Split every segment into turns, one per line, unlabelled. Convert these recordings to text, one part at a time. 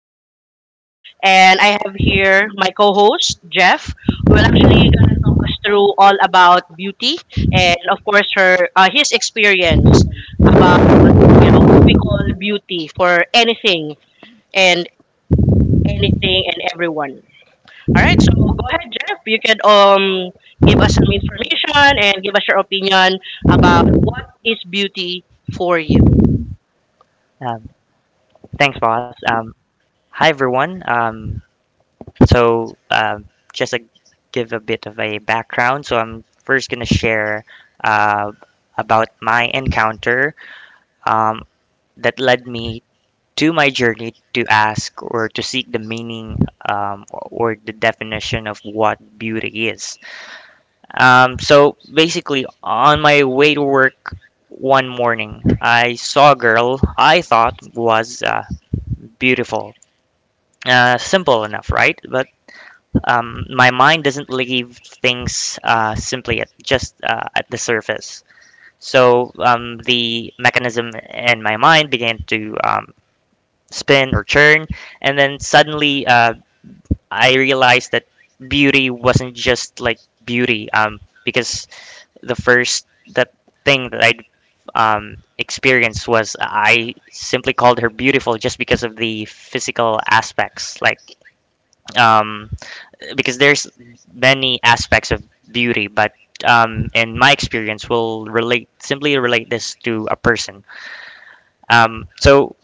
first recording, and I have here my co-host Jeff, who will actually talk us through all about beauty and, of course, her his experience about you know what we call beauty for anything and anything and everyone. All right, so go ahead, Jeff. You can give us some information and give us your opinion about what is beauty for you.
Um, Thanks, boss. Hi, everyone. So, just to give a bit of a background. So I'm first going to share uh, about my encounter um, that led me to my journey to ask or to seek the meaning, or the definition of what beauty is. So, basically, on my way to work one morning, I saw a girl I thought was beautiful. Simple enough, right? But my mind doesn't leave things simply at just at the surface. So the mechanism in my mind began to spin or churn, and then suddenly I realized that beauty wasn't just like beauty, because the first that thing that I'd experienced was I simply called her beautiful just because of the physical aspects, like um, because there's many aspects of beauty, but in my experience, will relate simply relate this to a person. So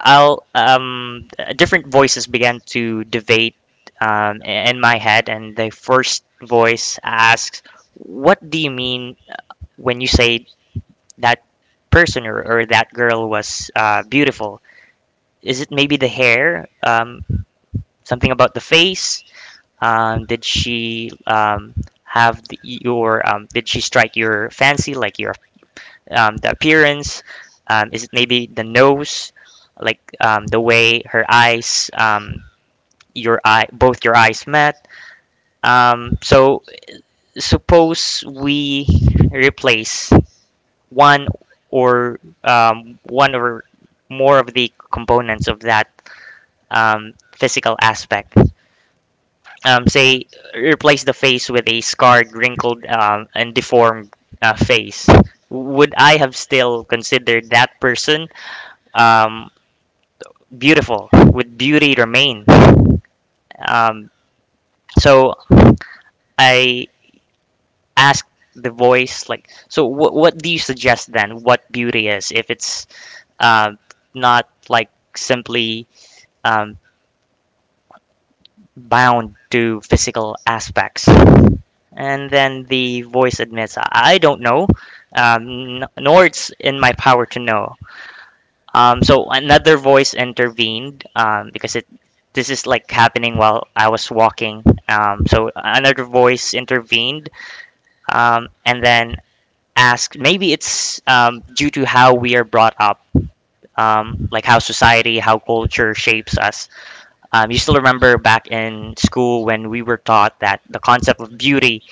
I'll different voices began to debate in my head, and the first voice asks, "What do you mean when you say that person , or that girl was beautiful? Is it maybe the hair, something about the face? Did she have the, your? Did she strike your fancy, like your the appearance? Is it maybe the nose, like the way her eyes, your eye, both your eyes met? So suppose we replace one or more of the components of that physical aspect, say, replace the face with a scarred, wrinkled, and deformed, face. Would I have still considered that person um, beautiful? Would beauty remain? Um, so I asked the voice, like, so what do you suggest then? What beauty is if it's um not like simply um, bound to physical aspects? And then the voice admits, "I don't know, nor it's in my power to know." So another voice intervened because it this is like happening while I was walking. So another voice intervened and then asked, maybe it's due to how we are brought up, like how society, how culture shapes us. You still remember back in school when we were taught that the concept of beauty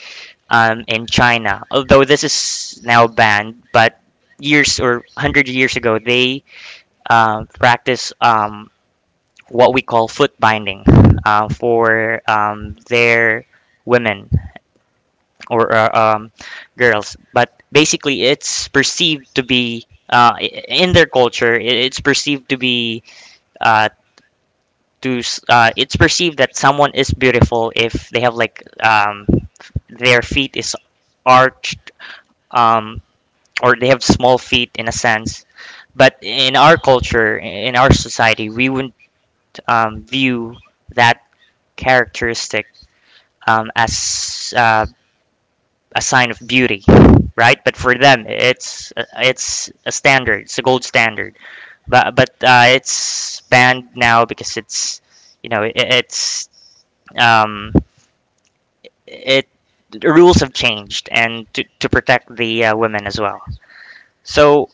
in China. Although this is now banned, but years or hundred years ago, they practice what we call foot binding for their women or girls. But basically, it's perceived to be in their culture. It's perceived to be uh, to it's perceived that someone is beautiful if they have like their feet is arched, um, or they have small feet in a sense. But in our culture, in our society, we wouldn't view that characteristic as a sign of beauty, right? But for them, it's a standard, it's a gold standard. But it's banned now because it's you know it, it's um, it the rules have changed, and to protect the women as well. So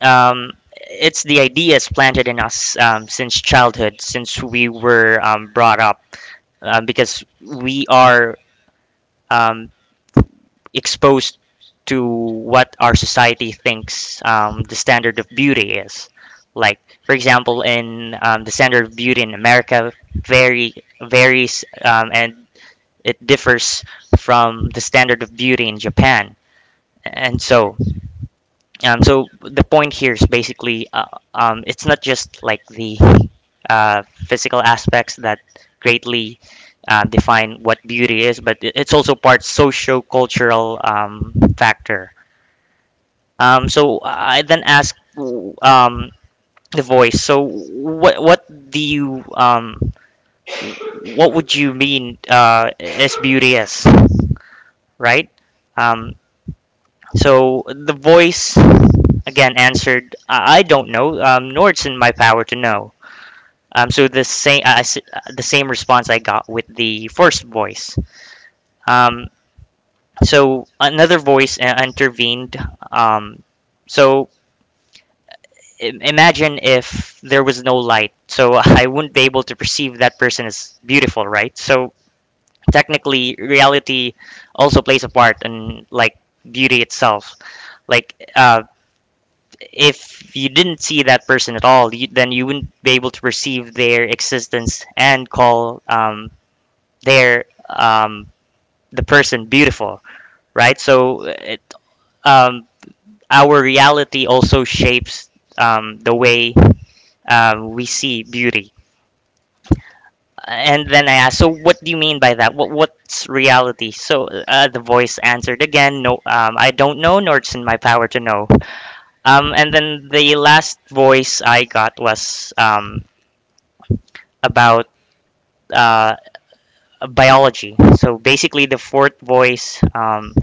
Um, it's the ideas planted in us since childhood, since we were brought up, because we are um, exposed to what our society thinks the standard of beauty is. Like, for example, in the standard of beauty in America, very varies and it differs from the standard of beauty in Japan, and so the point here is basically, it's not just like the physical aspects that greatly define what beauty is, but it's also part socio-cultural factor. So I then ask the voice. So what do you what would you mean as beauty as, right? Um, so the voice again answered, "I don't know, nor it's in my power to know." So the same response I got with the first voice. Um, so another voice intervened. Um, so imagine if there was no light. So I wouldn't be able to perceive that person as beautiful, right? So technically, reality also plays a part in, like, beauty itself. Like if you didn't see that person at all, then you wouldn't be able to perceive their existence and call their um, the person beautiful, right? So um, our reality also shapes the way we see beauty. And then I asked, so what do you mean by that? What's reality? So the voice answered again, no, I don't know, nor it's in my power to know. And then the last voice I got was about uh, biology. So basically, the fourth voice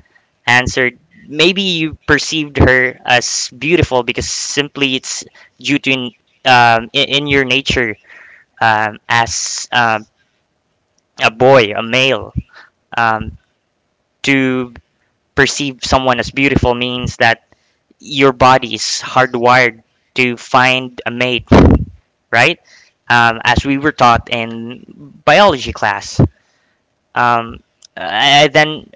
answered. Maybe you perceived her as beautiful because simply it's due to in your nature as a boy, a male. Um, to perceive someone as beautiful means that your body is hardwired to find a mate, right? As we were taught in biology class. Um, I then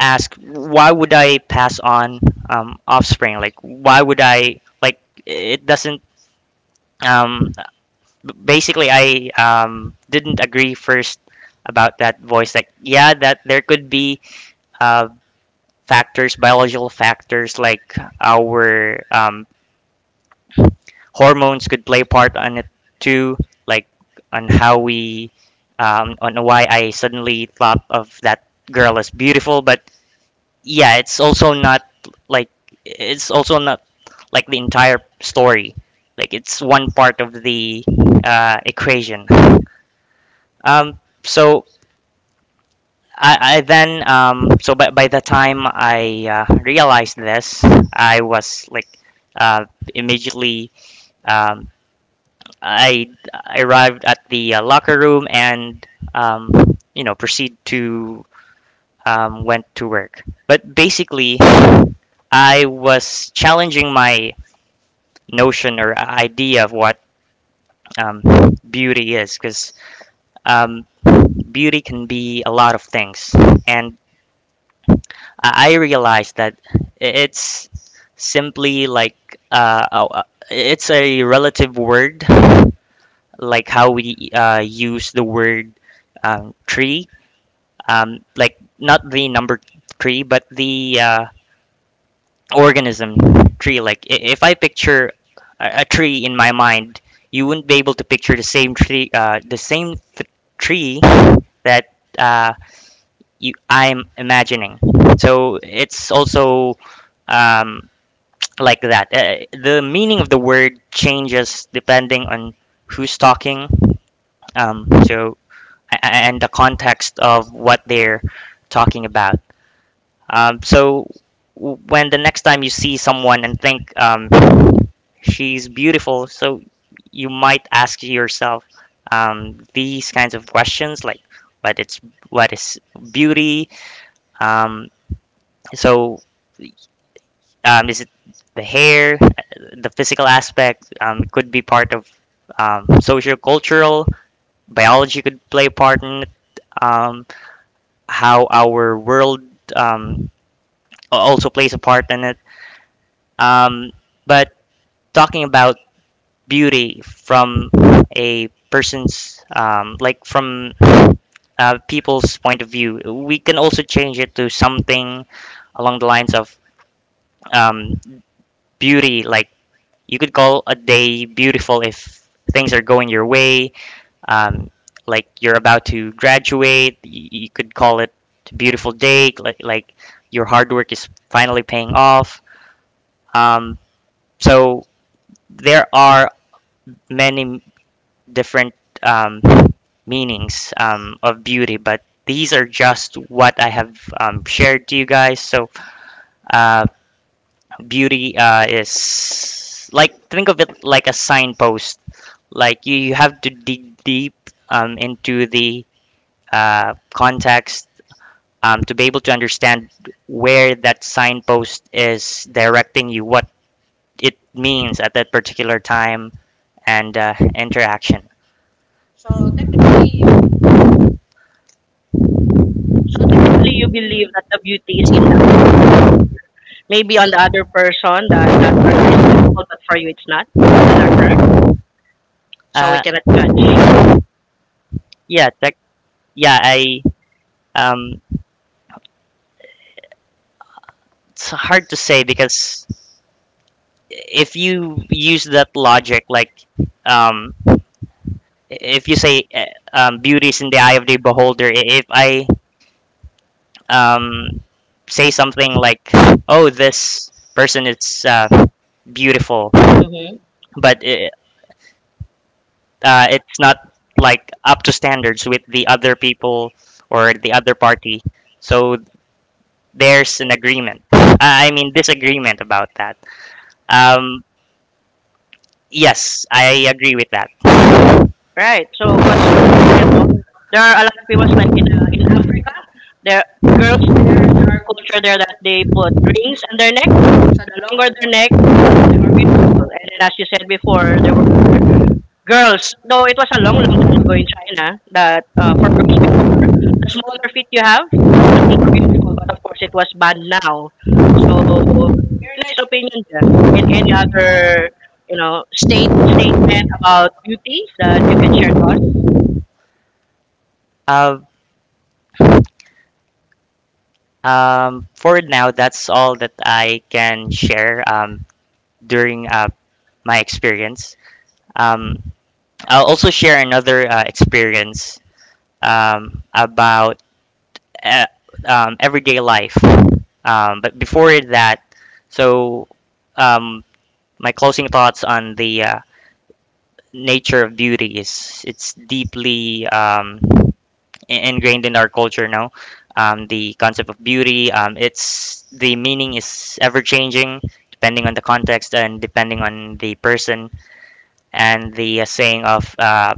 ask, why would I pass on offspring? Like, why would I like? It doesn't. Um, Basically, I didn't agree first about that voice. Like, yeah, that there could be uh, factors, biological factors, like our hormones could play a part on it too, like on how we, on why I suddenly thought of that girl as beautiful, but yeah, like it's also not like the entire story. Like it's one part of the equation. So I then so by the time I realized this, I was like uh, immediately um, I arrived at the locker room and um, proceed to went to work. But basically, I was challenging my notion or idea of what um, beauty is, because um, beauty can be a lot of things, and I realized that it's simply like uh, it's a relative word, like how we use the word tree, like not the number tree but the organism tree. Like if I picture a tree in my mind, you wouldn't be able to picture the same tree tree that you I'm imagining. So it's also um, like that, the meaning of the word changes depending on who's talking. Um, so a- a- and the context of what they're talking about. Um, so w- when the next time you see someone and think, "She's beautiful." So you might ask yourself these kinds of questions, like what it's what is beauty? Um, so is it the hair, the physical aspect? Could be part of socio-cultural. Biology could play a part in it. Um, how our world um, also plays a part in it. Um, but talking about beauty from a person's like from people's point of view. We can also change it to something along the lines of um, beauty. Like you could call a day beautiful if things are going your way. Um, like you're about to graduate, you could call it a beautiful day. Like your hard work is finally paying off. Um, so there are many different um, meanings of beauty, but these are just what I have shared to you guys. So, uh, beauty is, like, think of it like a signpost. Like, you have to dig deep into the context to be able to understand where that signpost is directing you, what it means at that particular time and interaction.
Really, you believe that the beauty is in the eye of the beholder. Maybe on the other person, that that person is beautiful, but for you, it's not. Is that correct? So
Uh,
we cannot judge.
yeah, check yeah, I um, it's hard to say, because if you use that logic, like, um, if you say beauty is in the eye of the beholder, if I um, say something like, "Oh, this person is beautiful,"
Hmm.
but it's not like up to standards with the other people or the other party, so there's an agreement. I mean, disagreement about that. Um, Yes, I agree with that.
Right. So, cause you know, there are a lot of people like in there girls in their culture there that they put rings on their neck. So the longer their neck, they're beautiful. And then, as you said before, there were girls. No, it was a long, long time ago in China that for girls before, the smaller feet you have. Being beautiful, but of course it was banned now. So, in his opinion, Jeff, and any other, statement about beauty that you can share to us.
Uh, for now, that's all that I can share during my experience. Um, I'll also share another experience about uh, everyday life. But before that, so um, my closing thoughts on the nature of beauty is it's deeply ingrained in our culture now. The concept of beauty, it's the meaning is ever changing, depending on the context and depending on the person. And the saying of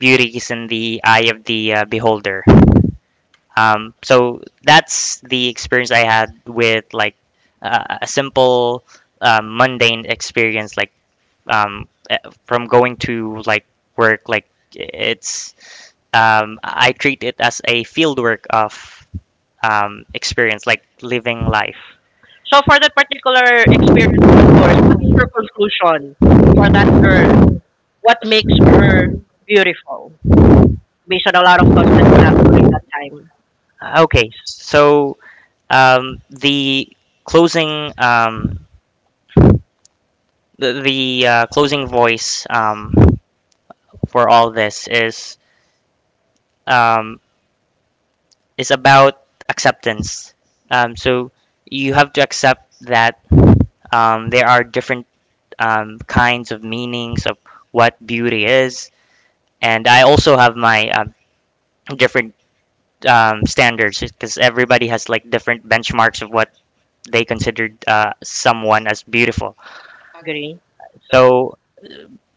beauty is in the eye of the beholder. So that's the experience I had with, like, a simple mundane experience, like um, eh, from going to, like, work. Like it's I treat it as a field work of experience, like living life.
So, for that particular experience of yours, what is your conclusion for that girl? What makes her beautiful? Based on a lot of thoughts that you have during that time.
Okay, so the closing the closing voice for all this um, is about acceptance. So you have to accept that there are different kinds of meanings of what beauty is, and I also have my different standards because everybody has like different benchmarks of what they considered someone as beautiful.
Agree.
So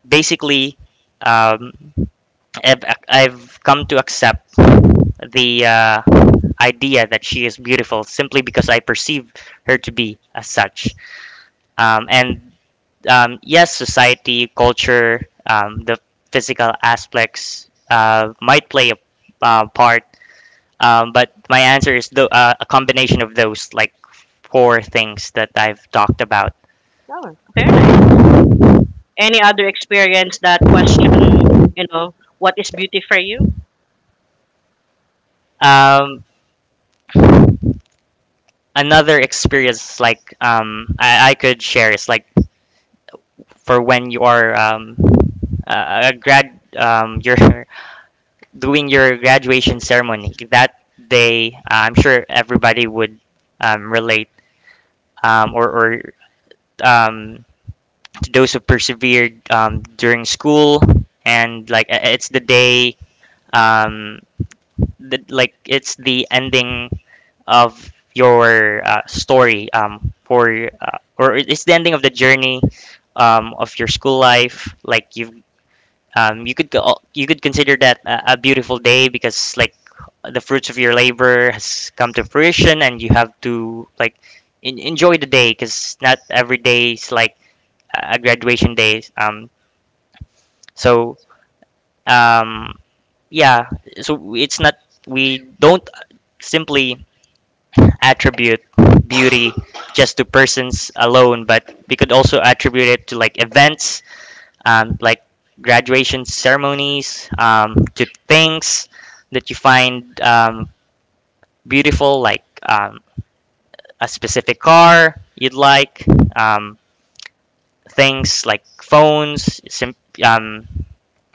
basically, um, I've come to accept the idea that she is beautiful simply because I perceive her to be as such. And yes, society, culture, the physical aspects might play a part, but my answer is a combination of those like four things that I've talked about.
Oh, very nice. Any other experience that question, what is beauty for you?
Um, another experience like I could share is like for when you are a grad you're doing your graduation ceremony that day I'm sure everybody would relate or um, to those who persevered during school, and like it's the day um, the, like it's the ending of your story for or it's the ending of the journey of your school life. Like you you could consider that a beautiful day because like the fruits of your labor has come to fruition, and you have to like enjoy the day because not every day is like a graduation day. So um, yeah, it's not, we don't simply attribute beauty just to persons alone, but we could also attribute it to like events, like graduation ceremonies, to things that you find beautiful, like a specific car you'd like, um, things like phones, um,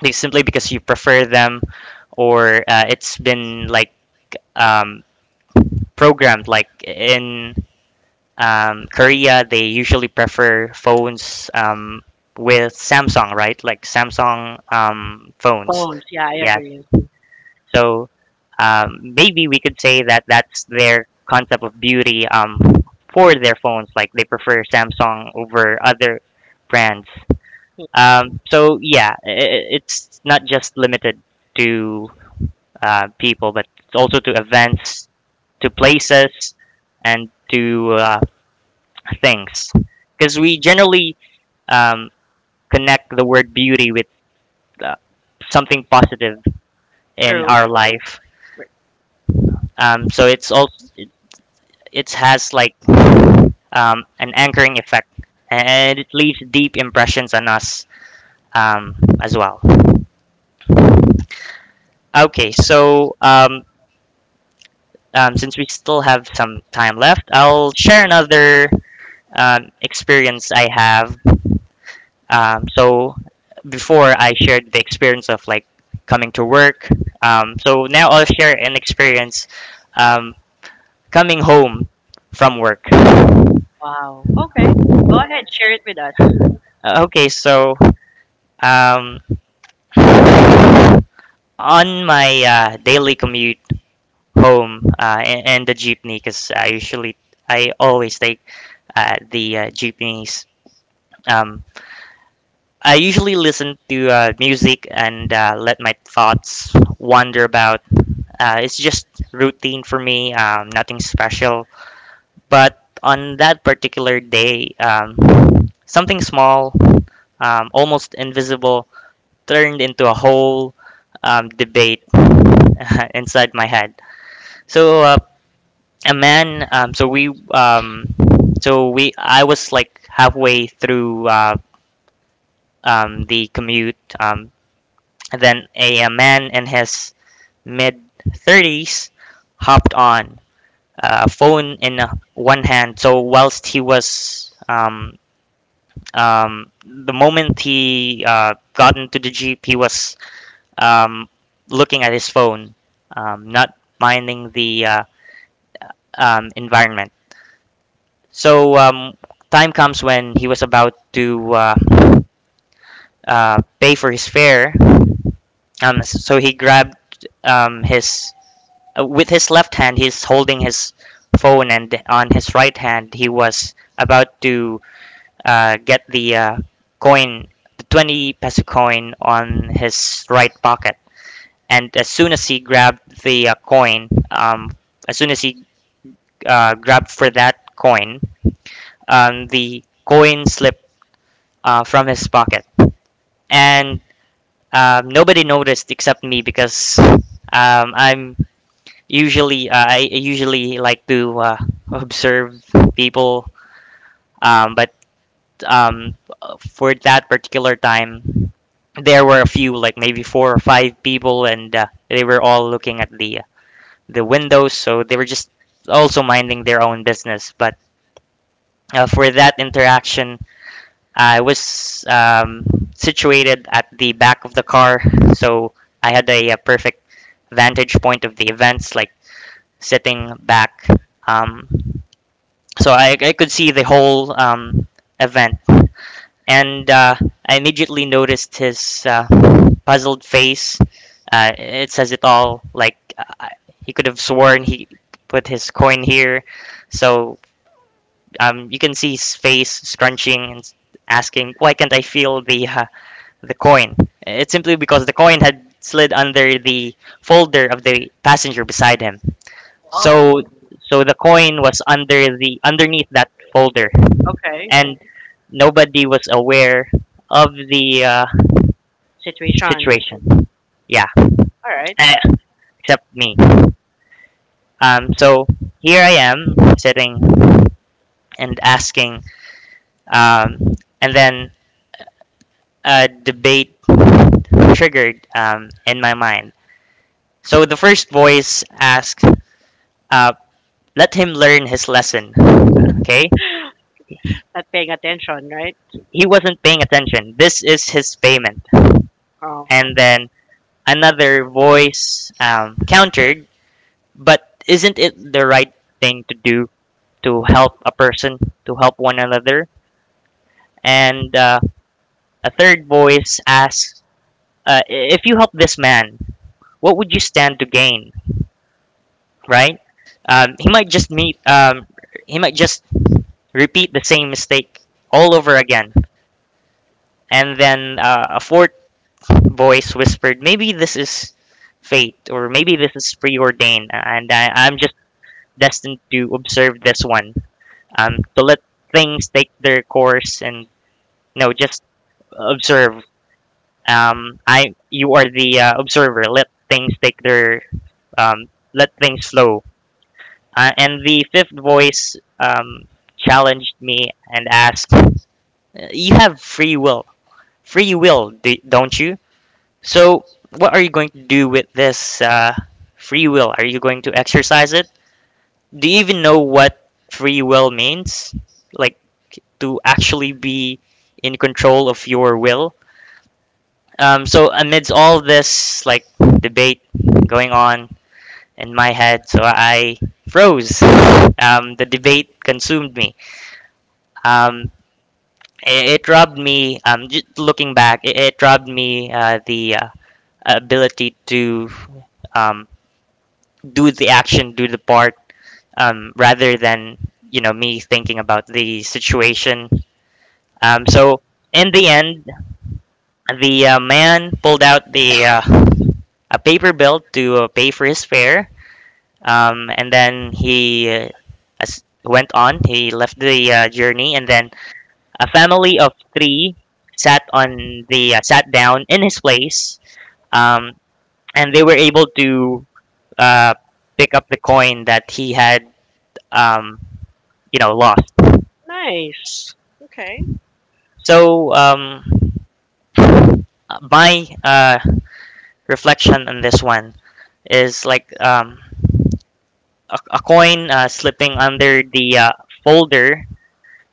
like, simply because you prefer them, or it's been like um, programmed, like in Korea, they usually prefer phones with Samsung, right? Like Samsung phones.
Phones. Yeah, I
Yeah.
agree.
So maybe we could say that that's their concept of beauty for their phones. Like they prefer Samsung over other brands.
Hmm.
So yeah, it's not just limited to people, but it's also to events, to places, and to things, because we generally um, connect the word beauty with uh, something positive in
True.
our life. So it's also, it has like an anchoring effect, and it leaves deep impressions on us um, as well. Okay, so since we still have some time left, I'll share another experience I have. So before I shared the experience of like coming to work. So now I'll share an experience um, coming home from work.
Wow, okay. Go ahead, share it with us.
Okay, so um, on my daily commute home, and the jeepney, because I usually, I always take the jeepneys. Um, I usually listen to music and let my thoughts wander about. It's just routine for me, nothing special. But on that particular day, something small, almost invisible, turned into a whole debate inside my head. So a man, so we, I was like halfway through the commute. And then a man in his mid 30s hopped on, phone in one hand. So whilst he was the moment he got into the jeep, he was um, looking at his phone, not minding the environment. So time comes when he was about to pay for his fare. So he grabbed his with his left hand. He's holding his phone, and on his right hand, he was about to get the coin, the 20 peso coin on his right pocket. And as soon as he grabbed the coin, as soon as he grabbed for that coin, the coin slipped from his pocket. And nobody noticed except me, because I'm I usually like to observe people, but um, for that particular time, there were a few, like maybe four or five people, and they were all looking at the windows. So they were just also minding their own business. But for that interaction, I was situated at the back of the car, so I had a, perfect vantage point of the events, like sitting back. Um, so I could see the whole event, and I immediately noticed his puzzled face. It says it all. Like he could have sworn he put his coin here. So you can see his face scrunching and asking, "Why can't I feel the coin?" It's simply because the coin had slid under the folder of the passenger beside him. So
Wow,
so the coin was under, the underneath that folder,
okay.
and nobody was aware of the
Situation.
situation. Yeah,
All right.
eh, except me. So here I am sitting and asking, um, and then a debate triggered in my mind. So the first voice asked, uh, "Let him learn his lesson. Okay,
Not paying attention, right?
he wasn't paying attention. This is his payment."
Um,
And then another voice countered, "But isn't it the right thing to do, to help a person, to help one another?" And a third voice asks, "If you help this man, what would you stand to gain?" Right? He might just meet. He might just repeat the same mistake all over again. And then a fourth voice whispered, "Maybe this is fate, or maybe this is preordained, and I'm just destined to observe this one. To let things take their course, and no, just observe. You are the observer. Let things take their um, let things flow." And the fifth voice challenged me and asked, "You have free will, don't you? So what are you going to do with this free will? Are you going to exercise it? Do you even know what free will means? Like to actually be in control of your will?" So amidst all this like debate going on in my head, so I froze. The debate consumed me. Um, it it robbed me. Just looking back, it it, robbed me the ability to um, do the action, do the part, rather than me thinking about the situation. So in the end, the man pulled out the a paper bill to pay for his fare. And then he as went on. He left the journey, and then a family of three sat on the sat down in his place, um, and they were able to uh, pick up the coin that he had, um, lost.
Nice. Okay.
So my reflection on this one is like a coin slipping under the folder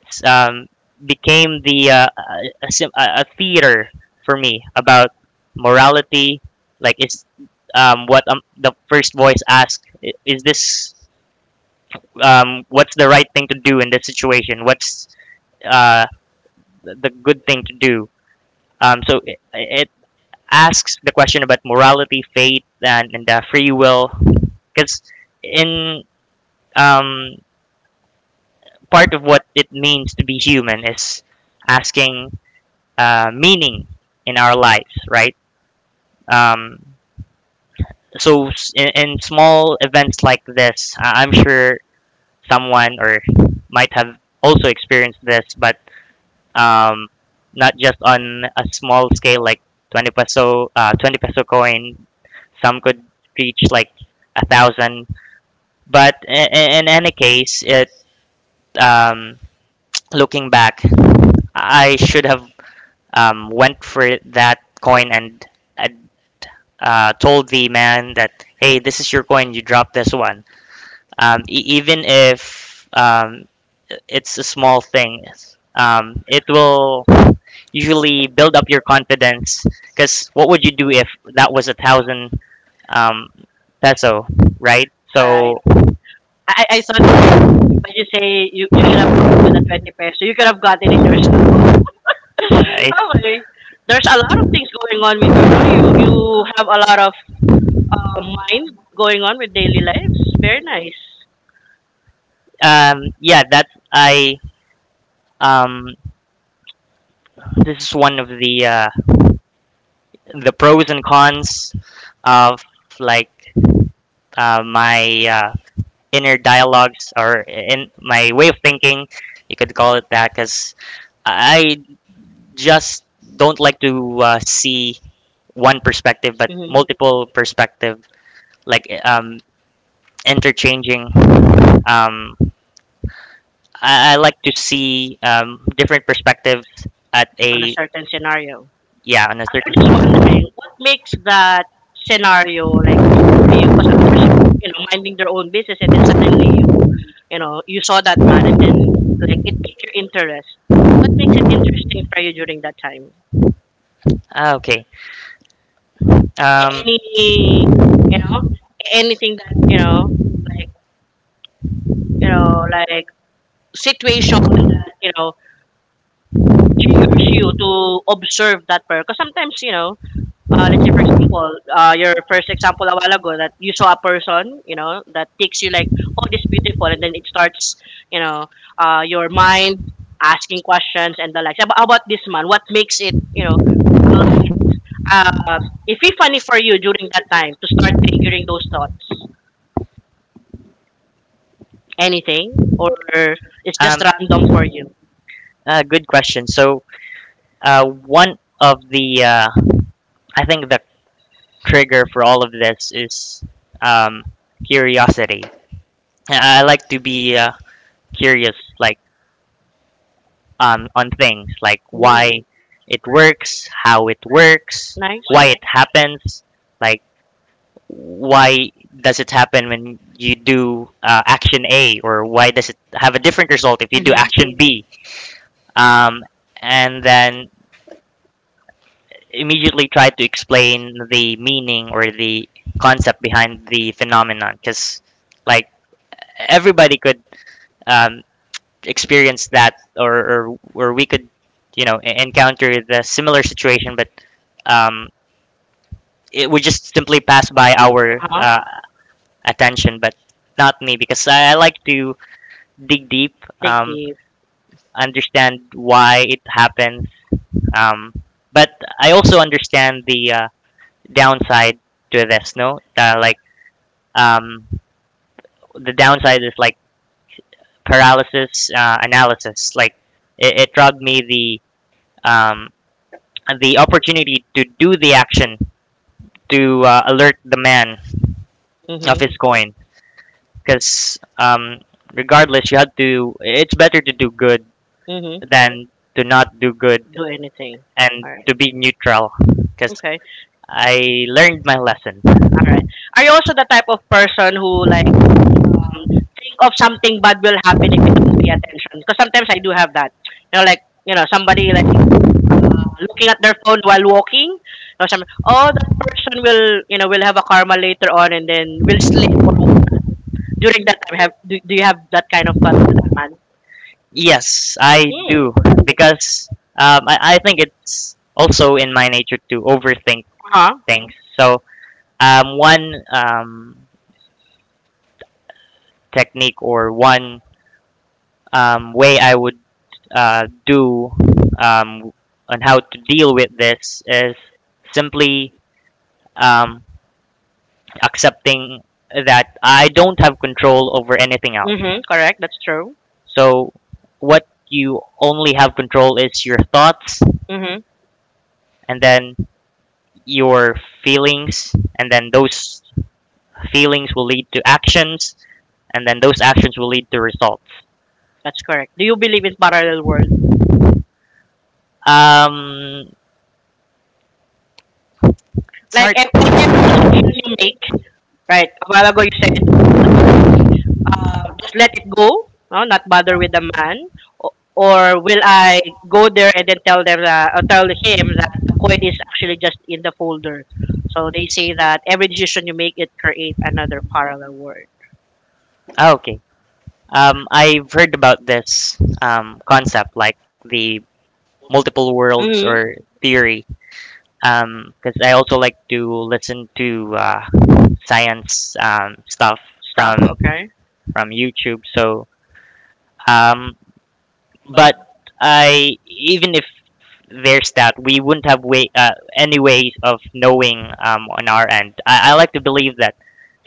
s- um, became the a theater for me about morality. Like, is what the first voice asked? Is this what's the right thing to do in this situation? What's uh, the good thing to do? So it, it asks the question about morality, faith, and free will. Because, in um, part of what it means to be human, is asking meaning in our lives, right? Um, so in small events like this, I'm sure someone or might have also experienced this, but um, not just on a small scale like 20 peso coin. Some could reach like a 1,000, but in any case, it um, looking back, I should have went for that coin and uh, told the man that, hey, this is your coin, you drop this one. Even if it's a small thing, it will usually build up your confidence. Because what would you do if that was a 1,000 um, peso, right?
All
So,
right. I thought when you say you should have gotten to the 20 peso, you could have gotten in yourself.
I,
Okay. There's a lot of things going on with you, no? You have a lot of mind going on with daily lives. Very nice.
yeah, that I um, this is one of the pros and cons of like my inner dialogues or in my way of thinking. You could call it that, because I just don't like to see one perspective, but
Hmm.
multiple perspective, like interchanging. Um, I like to see different perspectives at
On a
a,
certain scenario.
yeah, on a
I'm just
certain.
wondering what makes that scenario like take for you? Because others are, minding their own business, and then suddenly you saw that man, and then like it piqued your interest. What makes it interesting for you during that time?
Ah, okay. Um,
Any, you know, anything that like like situation, you know, triggers you to observe that person. Because sometimes, let's say for example, your first example a while ago that you saw a person, that takes you like, oh, this beautiful, and then it starts, you know, your mind asking questions and the likes. How about this man? What makes it, allow it, uh, if it's funny for you during that time to start triggering those thoughts? Anything, or it's just
um,
random for you?
good question. So one of the I think the trigger for all of this is um, curiosity. I like to be curious, like on things, like why it works, how it works,
Nice.
why it happens, like why does it happen when you do action A, or why does it have a different result if you do
Mm-hmm.
action B, um, and then immediately try to explain the meaning or the concept behind the phenomenon, because like everybody could um, experience that, or we could, you know, encounter the similar situation, but um, it would just simply pass by our
Uh-huh.
attention, but not me, because I like to dig deep,
Dig
um,
deep.
understand why it happens. Um, but I also understand the downside to this. No, like um, the downside is like paralysis analysis. Like it it robbed me the um, opportunity to do the action, to alert the man
Mm-hmm.
of his coin. Because regardless, you had to. It's better to do good
Mm-hmm.
than to not do good
Do anything.
and
All
to
right.
be neutral. Because
Okay.
I learned my lesson.
All right. Are you also the type of person who like um, think of something bad will happen if you don't pay attention? Because sometimes I do have that. You know, like somebody like looking at their phone while walking or some oh that person will will have a karma later on and then will sleep or whatnot. During that time do you have that kind of thought for that man?
Yes, I
Hmm.
do. Because I think it's also in my nature to overthink
Huh.
things. So one technique or one way I would do um, on how to deal with this is simply um, accepting that I don't have control over anything else.
Mm-hmm. Correct. That's true.
So, what you only have control is your thoughts,
Mm-hmm.
and then your feelings, and then those feelings will lead to actions, and then those actions will lead to results.
That's correct. Do you believe in parallel world?
Um, it's
Like like every
hard.
decision you make. Right. A while ago you said just let it go, no, not bother with the man, or will I go there and then tell them that, or tell him that the coin is actually just in the folder. So they say that every decision you make, it create another parallel world.
Ah, okay. I've heard about this concept, like the multiple worlds
Hmm.
or theory, because I also like to listen to science stuff
Stuff.
from
Okay.
YouTube. So, um, but I, even if there's that, we wouldn't have way, any ways of knowing on our end. I like to believe that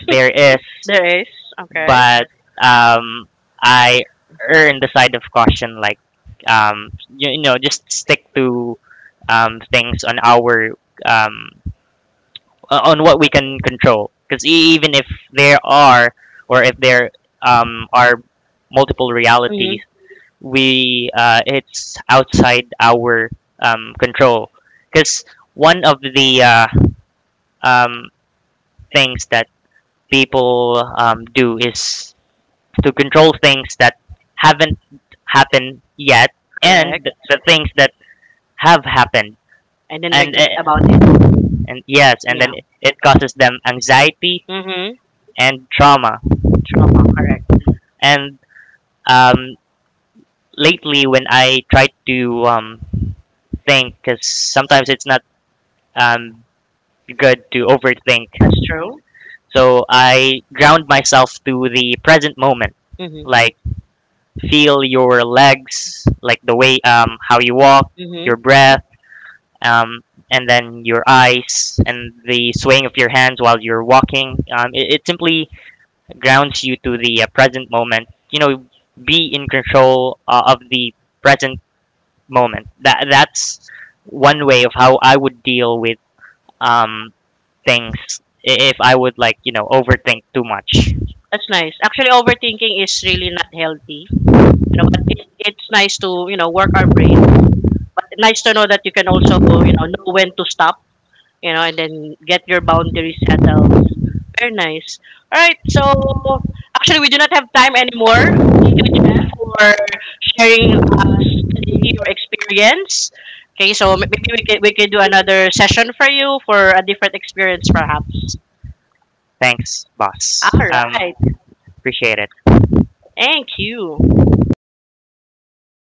there is,
There is. Okay.
but um, I earn the side of caution, like um, you know, just stick to things on our um, on what we can control. Because even if there are, or if there are multiple
Hmm.
realities, we it's outside our control. Because one of the um, things that people do is to control things that haven't happened yet,
Correct.
and the things that have happened,
And then
and
regret about
uh,
it.
and yes, and then
Yeah.
it causes them anxiety
Hmm.
and trauma,
Trauma. Correct.
and um, lately, when I try to think, because sometimes it's not um, good to overthink,
That's true.
so I ground myself to the present moment,
Hmm.
like feel your legs, like the way how you walk,
Hmm.
your breath, um, and then your eyes and the swaying of your hands while you're walking. It, it simply grounds you to the present moment. You know, be in control of the present moment. That, that's one way of how I would deal with um, things if I would like overthink too much.
That's nice. Actually, overthinking is really not healthy. You know, but it's nice to work our brains. But nice to know that you can also know when to stop. You know, and then get your boundaries settled. Very nice. All right. So actually, we do not have time anymore. Thank you Jeff, for sharing your experience. Okay, so maybe we could do another session for you for a different experience, perhaps.
Thanks, boss.
All right.
Appreciate it.
Thank you.